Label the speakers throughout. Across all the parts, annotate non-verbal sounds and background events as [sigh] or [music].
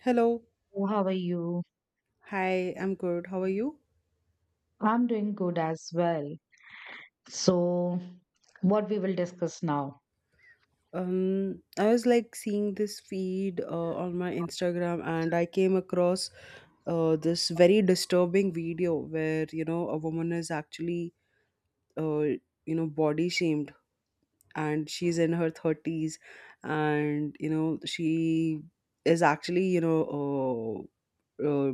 Speaker 1: Hello.
Speaker 2: Oh, how are you?
Speaker 1: Hi, I'm good. How are you?
Speaker 2: I'm doing good as well. So, what we will discuss now?
Speaker 1: I was like seeing this feed on my Instagram, and I came across this very disturbing video where, you know, a woman is uh, body shamed, and she's in her 30s and, you know, she is uh, uh,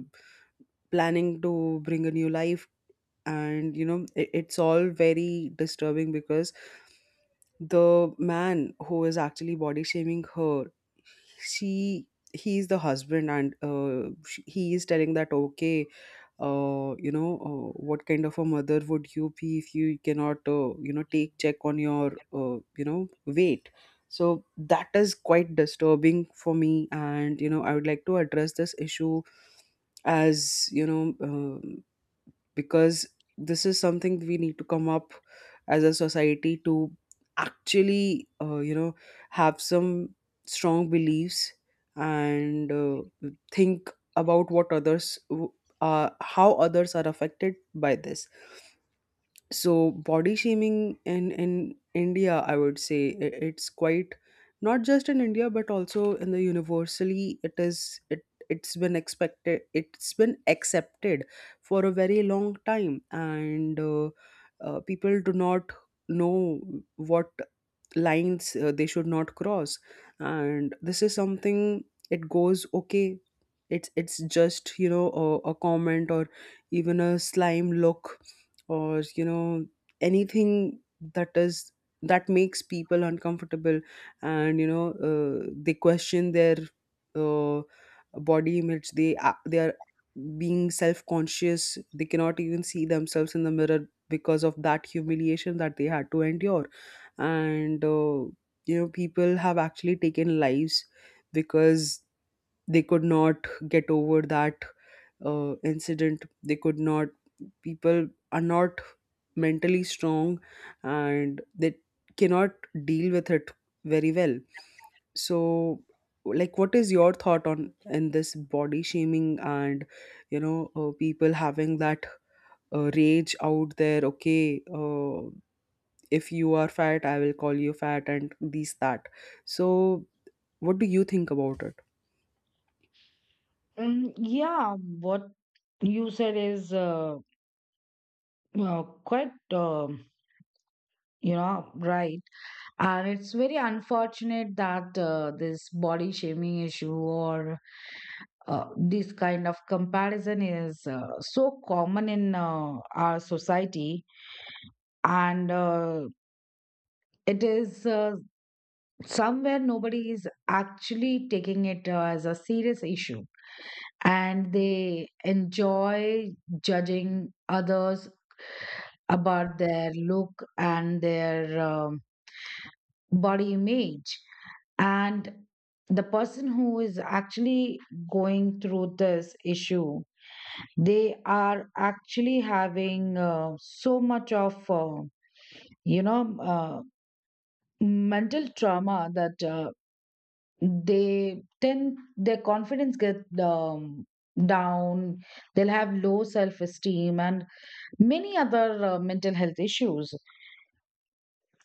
Speaker 1: planning to bring a new life. And, you know, it's all very disturbing because the man who is actually body shaming her, she he is the husband, and sh he is telling that, okay, what kind of a mother would you be if you cannot, take check on your, weight? So that is quite disturbing for me, and you know I would like to address this issue, as you know, um, because this is something we need to come up as a society to actually have some strong beliefs and think about what how others are affected by this. So body shaming in India, I would say it's quite, not just in India but also in the universally, it's been expected, it's been accepted for a very long time. And people do not know what lines they should not cross. And this is something, it goes okay, it's just, you know, a comment or even a slime look or, you know, anything that is, that makes people uncomfortable. And you know they question their uh, body image, they are being self conscious, they cannot even see themselves in the mirror because of that humiliation that they had to endure. And you know, people have actually taken lives because they could not get over that incident, they could not, people are not mentally strong, and they cannot deal with it very well. So like, what is your thought on in this body shaming? And you know people having that rage out there, okay, if you are fat I will call you fat, and these that. So what do you think about it?
Speaker 2: Yeah, what you said is quite, you know, right. And it's very unfortunate that this body shaming issue or this kind of comparison is so common in our society. And it is somewhere nobody is actually taking it as a serious issue, and they enjoy judging others about their look and their body image. And the person who is actually going through this issue, they are actually having so much of, you know, uh, mental trauma that they tend their confidence get down, they'll have low self-esteem and many other mental health issues,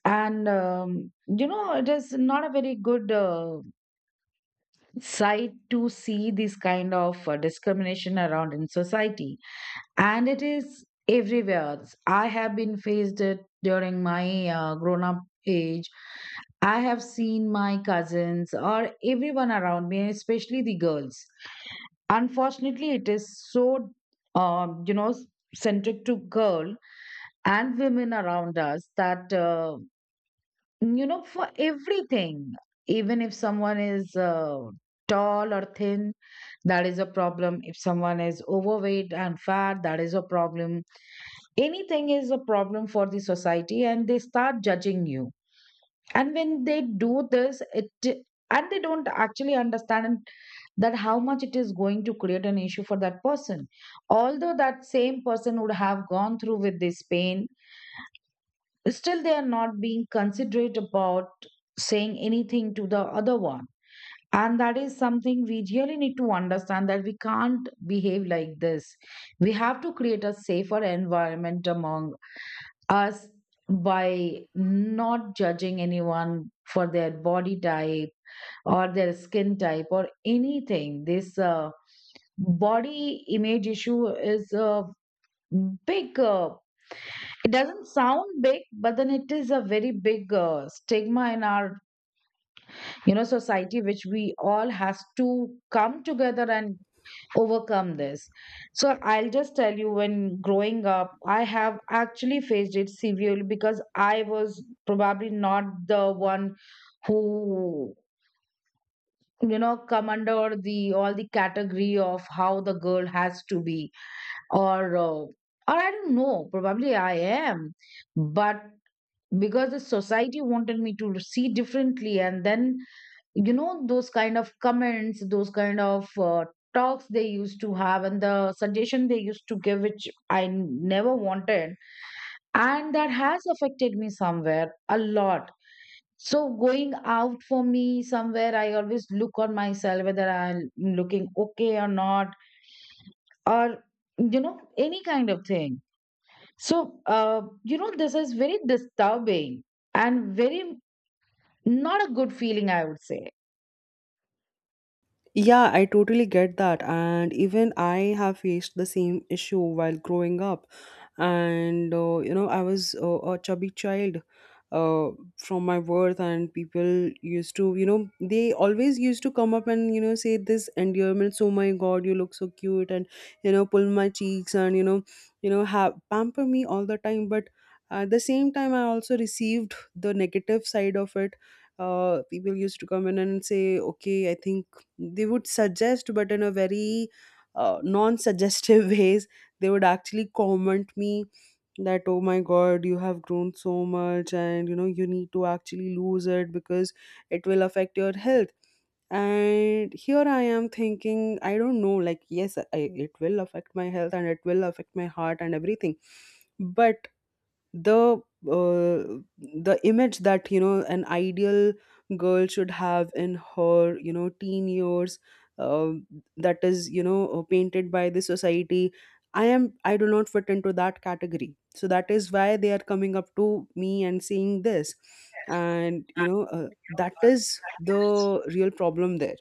Speaker 2: and you know, it is not a very good sight to see this kind of discrimination around in society, and it is everywhere. I have been faced it during my grown-up age. I have seen my cousins or everyone around me, especially the girls. Unfortunately, it is so, you know, centric to girl and women around us that, you know, for everything, even if someone is tall or thin, that is a problem. If someone is overweight and fat, that is a problem. Anything is a problem for the society, and they start judging you. And when they do this, it, and they don't actually understand that how much it is going to create an issue for that person, although that same person would have gone through with this pain, still they are not being considerate about saying anything to the other one. And that is something we really need to understand, that we can't behave like this. We have to create a safer environment among us by not judging anyone for their body type or their skin type or anything. This body image issue is a big, it doesn't sound big, but then it is a very big stigma in our, you know, society, which we all has to come together and overcome this. So I'll just tell you, when growing up, I have actually faced it severely because I was probably not the one who, you know, come under the all the category of how the girl has to be, or I don't know, probably I am, but because the society wanted me to see differently. And then, you know, those kind of comments, those kind of talks they used to have, and the suggestion they used to give, which I never wanted, and that has affected me somewhere a lot. So going out for me, somewhere I always look on myself, whether I'm looking okay or not, or you know, any kind of thing. So you know, this is very disturbing and very, not a good feeling, I would say.
Speaker 1: Yeah, I totally get that. And even I have faced the same issue while growing up. And, you know, I was a chubby child uh, from my birth, and people used to, you know, they always used to come up and, you know, say this endearments, oh my God, you look so cute, and, you know, pull my cheeks and, you know, have pamper me all the time. But at the same time, I also received the negative side of it. Uh, people used to come in and say, okay, I think they would suggest, but in a very non-suggestive [laughs] ways, they would actually comment me that, oh my God, you have grown so much, and you know you need to actually lose it because it will affect your health. And here I am thinking, I don't know, like, yes, I, it will affect my health, and it will affect my heart and everything. But the uh, the image that, you know, an ideal girl should have in her, you know, teen years, uh, that is, you know, painted by the society, I do not fit into that category, so that is why they are coming up to me and saying this. And you know that is the real problem there,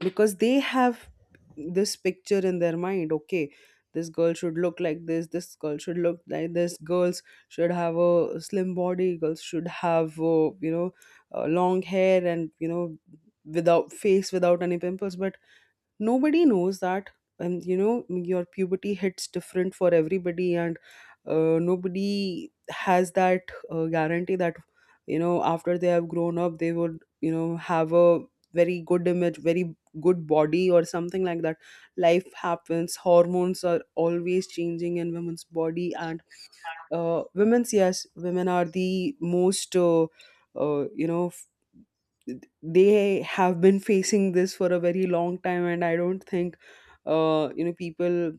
Speaker 1: because they have this picture in their mind, okay, this girl should look like this girl should look like this, girls should have a slim body, girls should have, long hair, and you know, without face, without any pimples. But nobody knows that, and you know your puberty hits different for everybody. And nobody has that guarantee that, you know, after they have grown up, they would, you know, have a very good image, very good body, or something like that. Life happens, hormones are always changing in women's body. And women are the most, uh, you know f- they have been facing this for a very long time, and I don't think you know people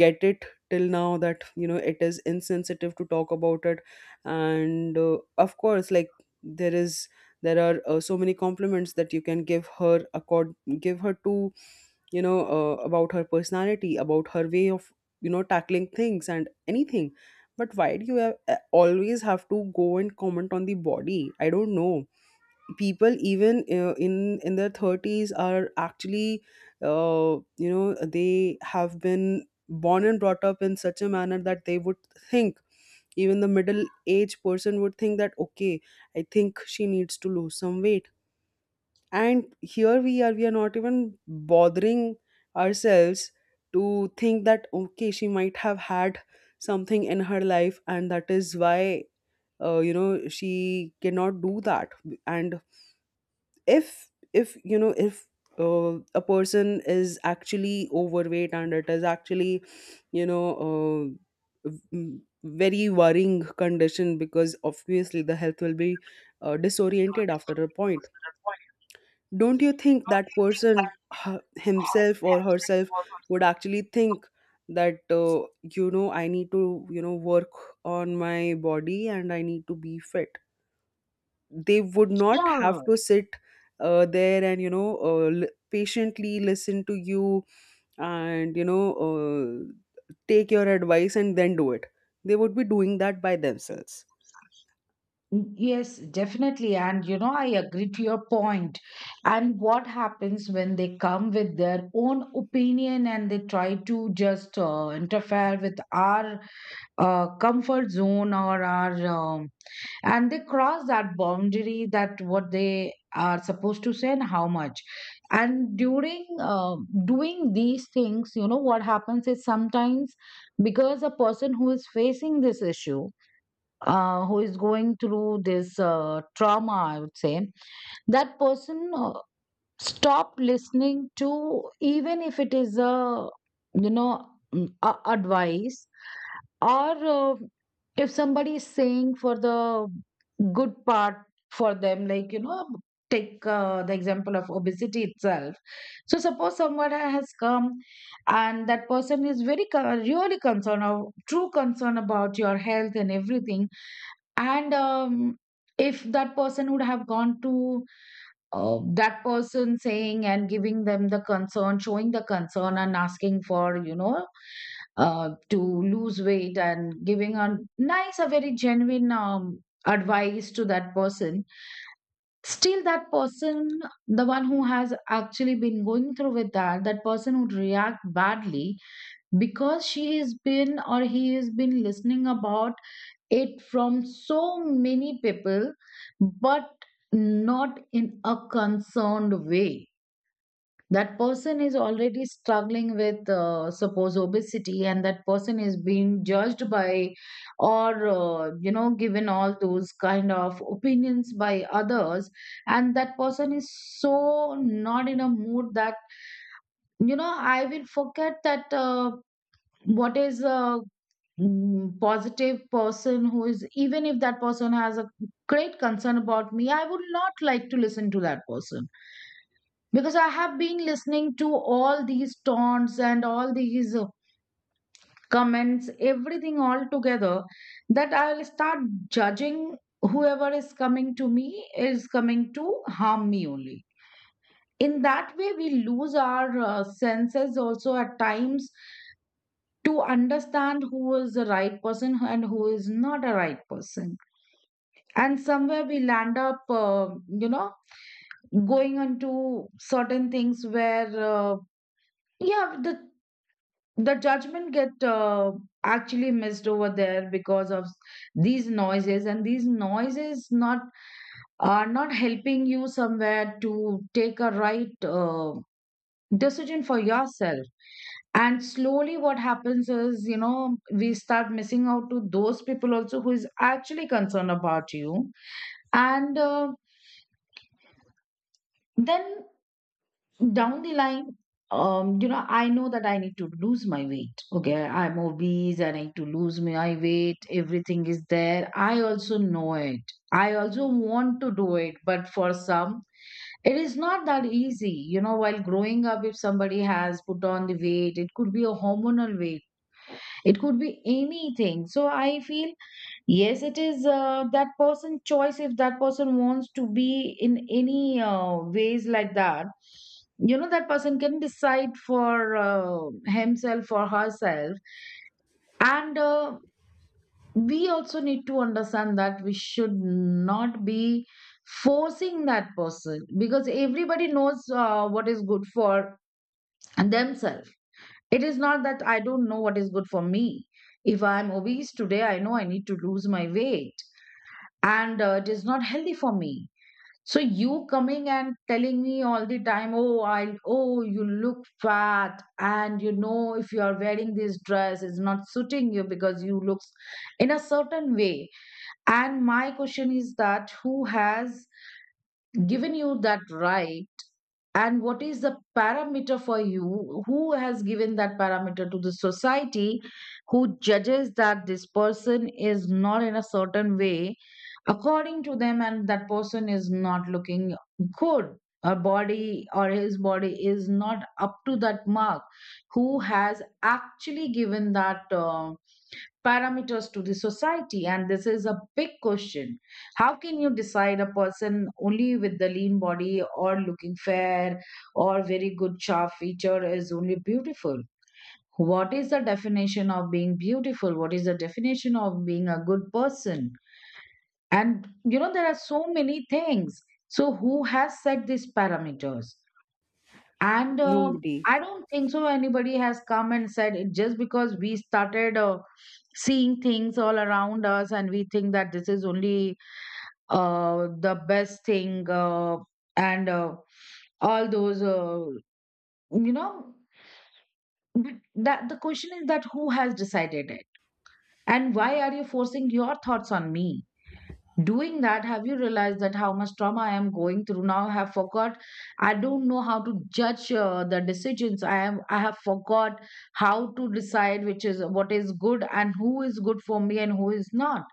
Speaker 1: get it till now that, you know, it is insensitive to talk about it. And of course, like, there is there are, so many compliments that you can give her to, you know, about her personality, about her way of, you know, tackling things and anything. But why do you have, always have to go and comment on the body? I don't know. People even in their thirties are actually, you know, they have been born and brought up in such a manner that they would think, even the middle aged person would think that, okay, I think she needs to lose some weight. And here we are, we are not even bothering ourselves to think that, okay, she might have had something in her life, and that is why you know, she cannot do that. And if you know, if a person is actually overweight, and it is actually, you know, very worrying condition, because obviously the health will be disoriented after a point, don't you think that person, himself or herself, would actually think that, you know, I need to, you know, work on my body, and I need to be fit? They would not have
Speaker 2: Yeah.
Speaker 1: to sit there and you know, patiently listen to you, and you know, take your advice and then do it. They would be doing that by themselves.
Speaker 2: Yes, definitely. And you know, I agree to your point. And what happens when they come with their own opinion and they try to just interfere with our comfort zone or our and they cross that boundary, that what they are supposed to say and how much. And during doing these things, you know what happens is, sometimes, because a person who is facing this issue, who is going through this trauma, I would say, that person stop listening to, even if it is a, you know, advice, or if somebody is saying for the good part for them, like, you know, take the example of obesity itself. So suppose someone has come, and that person is very really concerned or true concern about your health and everything, and if that person would have gone to that person, saying and giving them the concern, showing the concern and asking for, you know, to lose weight, and giving a nice, a very genuine advice to that person. Still, that person, the one who has actually been going through with that, that person would react badly because she has been, or he has been, listening about it from so many people, but not in a concerned way. That person is already struggling with, suppose, obesity, and that person is being judged by, or, you know, given all those kind of opinions by others. And that person is so not in a mood that, you know, I will forget that what is uh, positive person, who is, even if that person has a great concern about me, I would not like to listen to that person because I have been listening to all these taunts and all these comments, everything all together, that I'll start judging whoever is coming to me is coming to harm me only. In that way, we lose our senses also at times, to understand who is the right person and who is not a right person. And somewhere we land up you know, going into certain things where yeah, the judgment get actually missed over there because of these noises, and these noises not, are not helping you somewhere to take a right decision for yourself. And slowly what happens is, you know, we start missing out to those people also who is actually concerned about you. And then, down the line, you know, I know that I need to lose my weight. Okay, I'm obese and I need to lose my weight, everything is there, I also know it, I also want to do it, but for some it is not that easy. You know, while growing up, if somebody has put on the weight, it could be a hormonal weight, it could be anything. So I feel, yes, it is that person's choice if that person wants to be in any ways like that. You know, that person can decide for himself or herself. And we also need to understand that we should not be forcing that person, because everybody knows what is good for themselves. It is not that I don't know what is good for me. If I'm obese today, I know I need to lose my weight, and it is not healthy for me. So you coming and telling me all the time, oh, I oh you look fat, and you know, if you are wearing this dress, it's not suiting you because you looks in a certain way. And my question is that, who has given you that right? And what is the parameter for you? Who has given that parameter to the society, who judges that this person is not in a certain way according to them, and that person is not looking good, her body or his body is not up to that mark? Who has actually given that parameters to the society? And this is a big question. How can you decide a person only with the lean body or looking fair or very good sharp feature is only beautiful? What is the definition of being beautiful? What is the definition of being a good person? And you know, there are so many things. So who has set these parameters? And
Speaker 1: Nobody.
Speaker 2: I don't think so anybody has come and said it, just because we started seeing things all around us, and we think that this is only the best thing, and all those, you know, but that, the question is that, who has decided it? And why are you forcing your thoughts on me? Doing that, have you realized that how much trauma I am going through? Now I have forgot, I don't know how to judge the decisions. I have forgot how to decide which is what is good and who is good for me and who is not.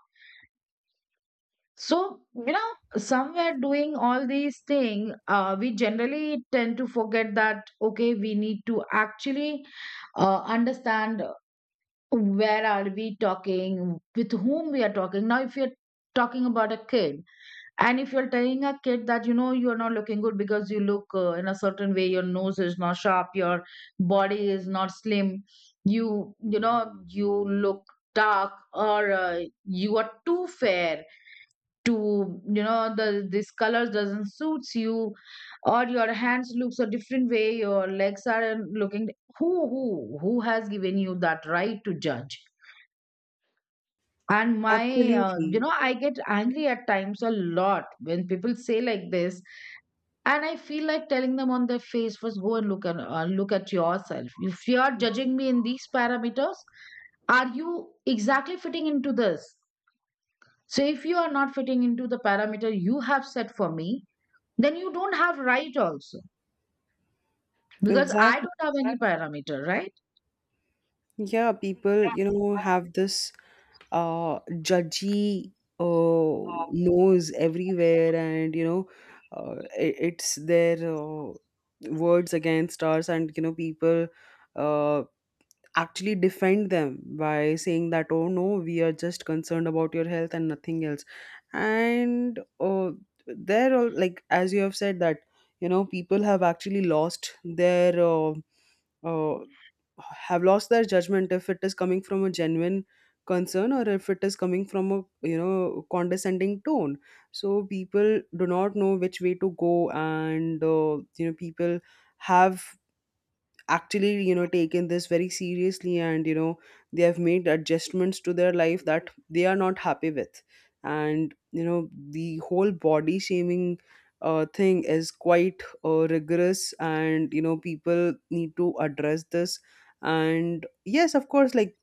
Speaker 2: So, you know somewhere doing all these things, we generally tend to forget that okay, we need to actually understand where are we talking, with whom we are talking. Now if you're talking about a kid, and if you're telling a kid that, you're not looking good because you look in a certain way, your nose is not sharp, your body is not slim, you look dark, or you are too fair, to you know the this colors doesn't suits you, or your hands looks a different way, your legs are looking. Who has given you that right to judge? And my
Speaker 1: Absolutely.
Speaker 2: I get angry at times a lot when people say like this. And I feel like telling them on their face, first go and look at yourself. If you are judging me in these parameters, are you exactly fitting into this? So if you are not fitting into the parameter you have set for me, then you don't have right also, because I
Speaker 1: Exactly.
Speaker 2: don't have any parameter, right?
Speaker 1: Yeah, people, you know, have this uh, judgy nose everywhere, and you know, it's their words against us, and you know, people uh, actually defend them by saying that, oh no, we are just concerned about your health and nothing else. And they're all like, as you have said, that, you know, people have actually lost their. Uh, have lost their judgment, if it is coming from a genuine concern or if it is coming from a, you know, condescending tone. So people do not know which way to go. And you know, people have actually, you know, taken this very seriously, and you know they have made adjustments to their life that they are not happy with. And you know, the whole body shaming thing is quite rigorous, and you know people need to address this. And yes, of course, like,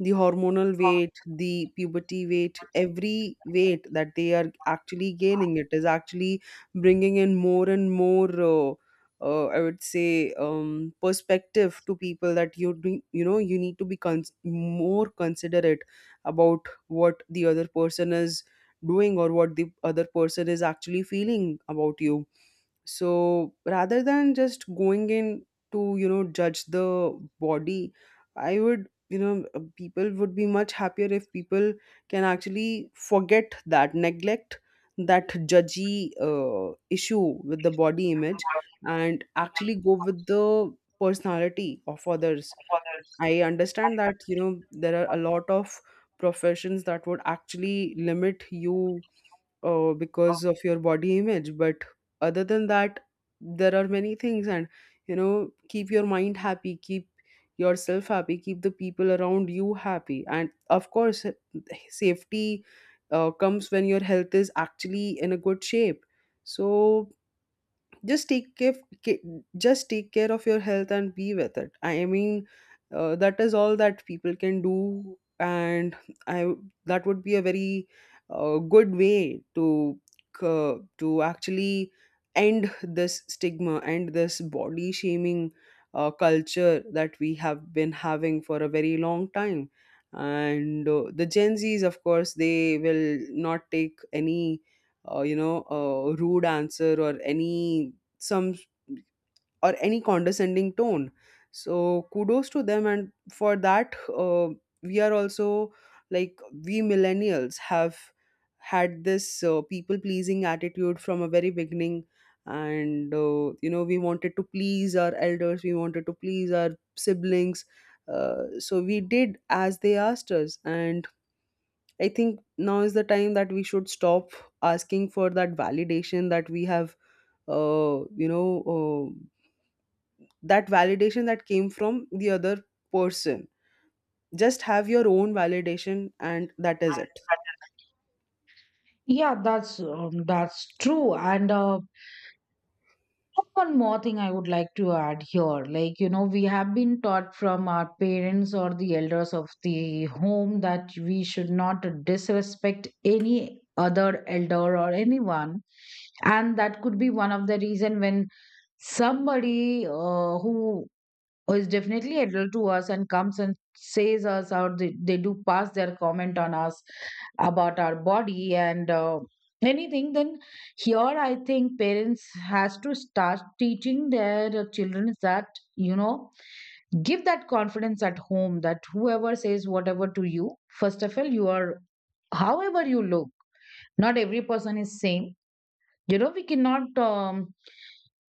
Speaker 1: the hormonal weight, the puberty weight, every weight that they are actually gaining, it is actually bringing in more and more, I would say, perspective to people, that you do, you know, you need to be more considerate about what the other person is doing, or what the other person is actually feeling about you. So rather than just going in to, you know, judge the body, I would, you know, people would be much happier if people can actually forget that, neglect that judgy issue with the body image, and actually go with the personality of others. I understand that, you know, there are a lot of professions that would actually limit you because of your body image, but other than that, there are many things. And you know, keep your mind happy, keep yourself happy, keep the people around you happy, and of course, safety comes when your health is actually in a good shape. So just take care ca- just take care of your health and be with it. That is all that people can do, and I that would be a very good way to to actually end this stigma and this body shaming culture that we have been having for a very long time. And the Gen Z's, of course, they will not take any rude answer or any some or any condescending tone. So kudos to them, and for that we are also, like we millennials have had this people pleasing attitude from a very beginning. And we wanted to please our elders, we wanted to please our siblings. So we did as they asked us. And I think now is the time that we should stop asking for that validation that we have, uh, you know uh, that validation that came from the other person. Just have your own validation and that is it.
Speaker 2: Yeah, that's true. And One more thing I would like to add here, like, you know, we have been taught from our parents or the elders of the home that we should not disrespect any other elder or anyone. And that could be one of the reason when somebody who is definitely adult to us and comes and says us, or they do pass their comment on us about our body and anything. Then here I think parents has to start teaching their children that, you know, give that confidence at home that whoever says whatever to you, first of all, you are however you look. Not every person is same. You know, we cannot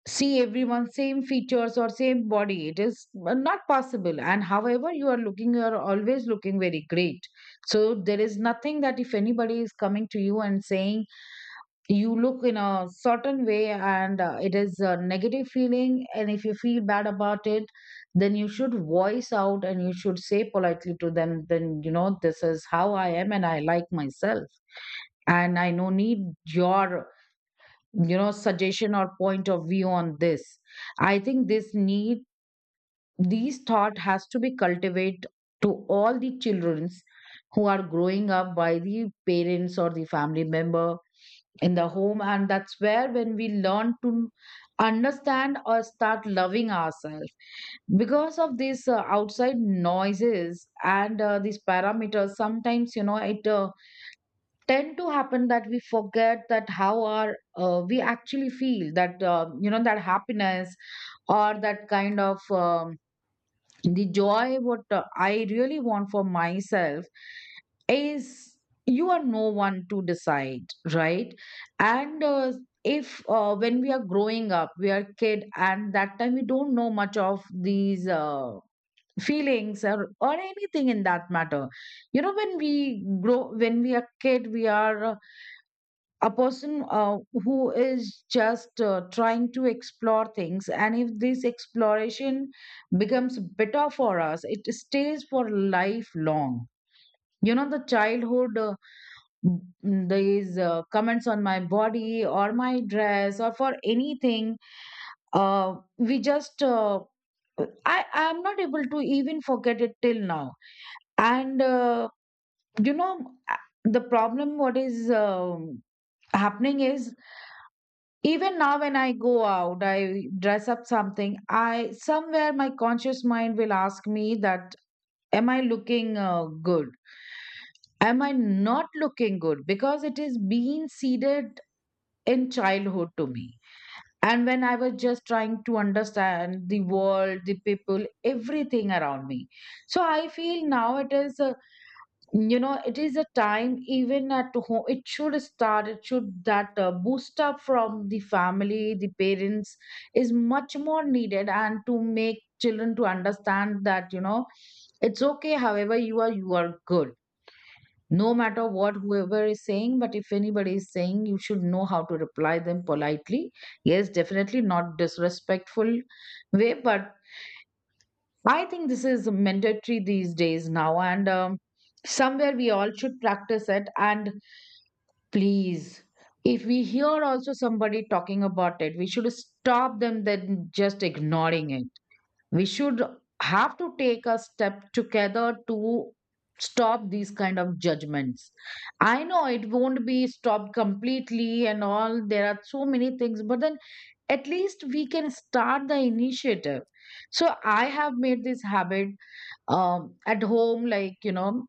Speaker 2: see everyone same features or same body. It is not possible, and however you are looking, you are always looking very great. So there is nothing that if anybody is coming to you and saying you look in a certain way, and it is a negative feeling and if you feel bad about it, then you should voice out and you should say politely to them then, you know, this is how I am and I like myself, and I no need your, you know, suggestion or point of view on this. I think this need, these thought has to be cultivated to all the childrens who are growing up, by the parents or the family member in the home. And that's where when we learn to understand or start loving ourselves. Because of these outside noises and these parameters, sometimes, you know, it tend to happen that we forget that how our we actually feel that, you know, that happiness or that kind of the joy what I really want for myself is, you are no one to decide, right? And uh, if uh, when we are growing up, we are kid, and that time we don't know much of these feelings, or anything in that matter. You know, when we grow, when we are kid, we are a person who is just trying to explore things. And if this exploration becomes better for us, it stays for lifelong. You know, the childhood these comments on my body or my dress or for anything, we just i I'm not able to even forget it till now. And you know a- The problem what is happening is, even now when I go out, I dress up something, I somewhere my conscious mind will ask me that, am I looking good? Am I not looking good? Because it is being seeded in childhood to me. And when I was just trying to understand the world, the people, everything around me. So I feel now it is. You know, it is a time even at home it should start, it should that boost up from the family, the parents, is much more needed. And to make children to understand that, you know, it's okay, however you are, you are good, no matter what whoever is saying. But if anybody is saying, you should know how to reply them politely. Yes, definitely not disrespectful way, but I think this is mandatory these days now. And somewhere we all should practice it. And please, if we hear also somebody talking about it, we should stop them than just ignoring it. We should have to take a step together to stop these kind of judgments. I know it won't be stopped completely and all, there are so many things, but then at least we can start the initiative. So I have made this habit at home, like, you know,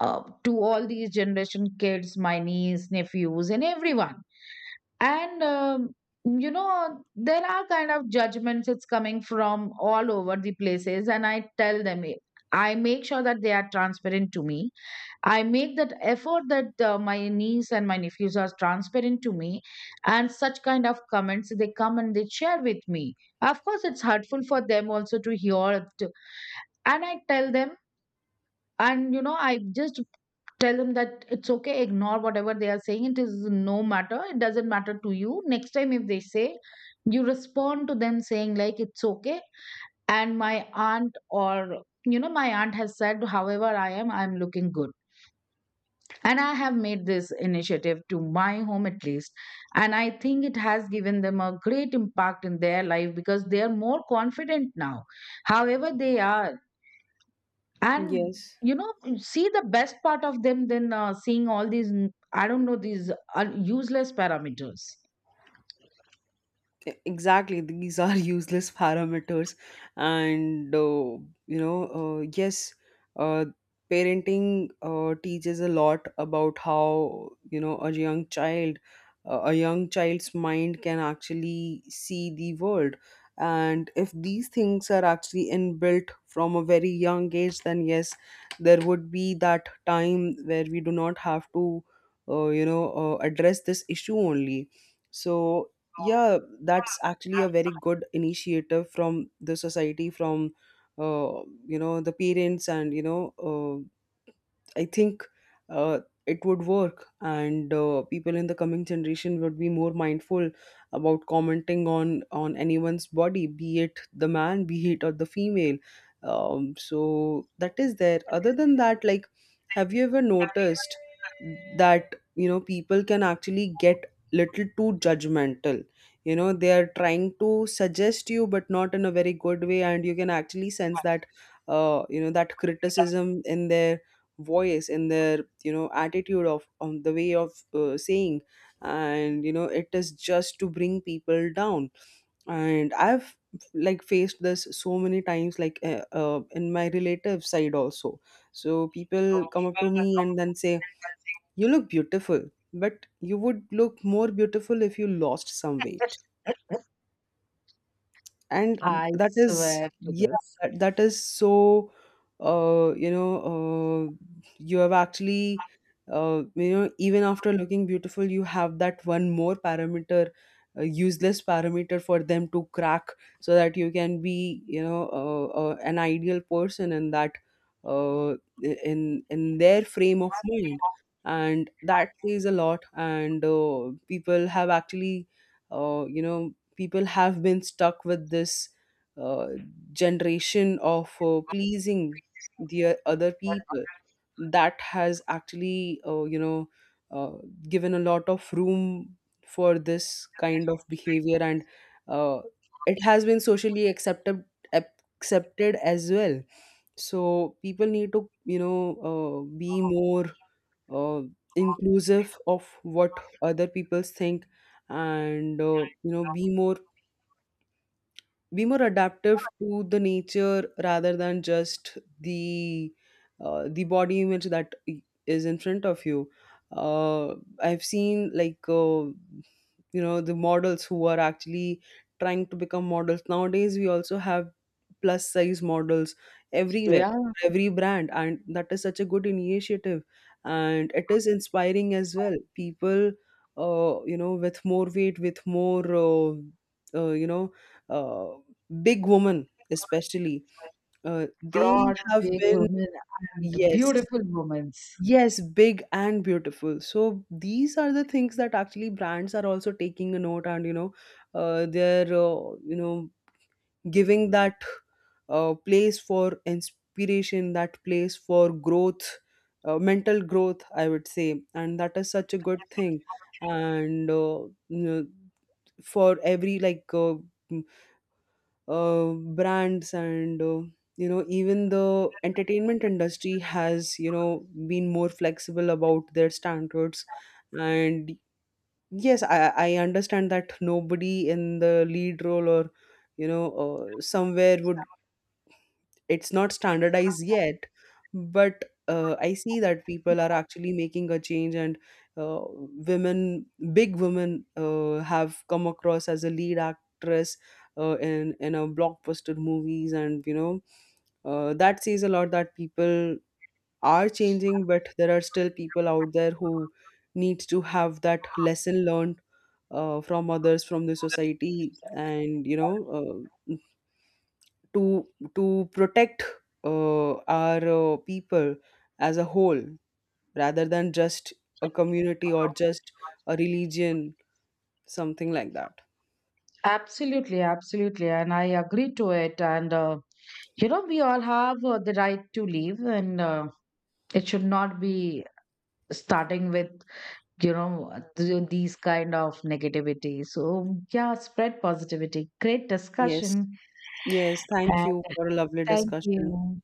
Speaker 2: to all these generation kids, my niece, nephews, and everyone. And, you know, there are kind of judgments it's coming from all over the places. And I tell them, eh, I make sure that they are transparent to me. I make that effort that my niece and my nephews are transparent to me. And such kind of comments, they come and they share with me. Of course, it's hurtful for them also to hear it. And I tell them, and you know, I just tell them that it's okay, ignore whatever they are saying, it is no matter, it doesn't matter to you. Next time if they say, you respond to them saying like, it's okay, and my aunt, or you know, my aunt has said, however I am, I'm looking good. And I have made this initiative to my home at least, and I think it has given them a great impact in their life, because they are more confident now, however they are. And
Speaker 1: Yes.
Speaker 2: you know, you see the best part of them than seeing all these I don't know, these useless parameters.
Speaker 1: Exactly, these are [laughs] useless parameters. And yes, uh, parenting teaches a lot about how, you know, a young child a young child's mind can actually see the world. And if these things are actually inbuilt from a very young age, then yes, there would be that time where we do not have to address this issue only. So yeah, that's actually a very good initiative from the society, from uh, you know, the parents, and you know, I think uh, it would work. And people in the coming generation would be more mindful about commenting on anyone's body, be it the man, be it or the female. So that is there. Other than that, like, have you ever noticed that, you know, people can actually get little too judgmental? You know, they are trying to suggest you, but not in a very good way, and you can actually sense that you know, that criticism in their voice, in their, you know, attitude of, on the way of saying. And you know, it is just to bring people down. And I've like faced this so many times, like in my relative side also. So people come up to me and then say, you look beautiful, but you would look more beautiful if you lost some weight. And
Speaker 2: I
Speaker 1: that is,
Speaker 2: swear to
Speaker 1: yeah,
Speaker 2: this.
Speaker 1: that is so you know, you have actually even after looking beautiful, you have that one more parameter, a useless parameter for them to crack, so that you can be, you know, an ideal person in that, uh, in their frame of mind. And that says a lot. And people have actually uh, you know people have been stuck with this, uh, generation of pleasing the other people. That has actually uh, given a lot of room for this kind of behavior. And uh, it has been socially accepted as well. So people need to, you know, be more uh, inclusive of what other people think. And you know, be more, be more adaptive to the nature rather than just the, the body image that is in front of you. uh, I've seen, like, you know, the models who are actually trying to become models. Nowadays we also have plus size models everywhere,
Speaker 2: Yeah,
Speaker 1: for every brand, and that is such a good initiative. And it is inspiring as well. People you know, with more weight, with more, uh, you know uh, big women especially, they
Speaker 2: broad,
Speaker 1: have
Speaker 2: big
Speaker 1: been.
Speaker 2: women and
Speaker 1: Yes.
Speaker 2: beautiful women.
Speaker 1: Yes, big and beautiful. So these are the things that actually brands are also taking a note. And you know, they're you know, giving that place for inspiration, that place for growth, mental growth I would say. And that is such a good thing. And you know, for every, like, brands, and you know, even the entertainment industry has, you know, been more flexible about their standards. And yes, I understand that nobody in the lead role or, you know, somewhere would, it's not standardized yet. But I see that people are actually making a change. And uh, women, big women have come across as a lead actress in a blockbuster movies. And you know, that says a lot, that people are changing. But there are still people out there who needs to have that lesson learned from others, from the society. And you know, uh, to to protect uh, our people as a whole, rather than just a community or just a religion, something like that.
Speaker 2: Absolutely, absolutely, and I agree to it. And You know, we all have the right to live, and it should not be starting with, you know, these kind of negativity. So yeah, spread positivity. Great
Speaker 1: Yes.
Speaker 2: discussion.
Speaker 1: Yes, thank you for a lovely
Speaker 2: Thank
Speaker 1: discussion.
Speaker 2: you.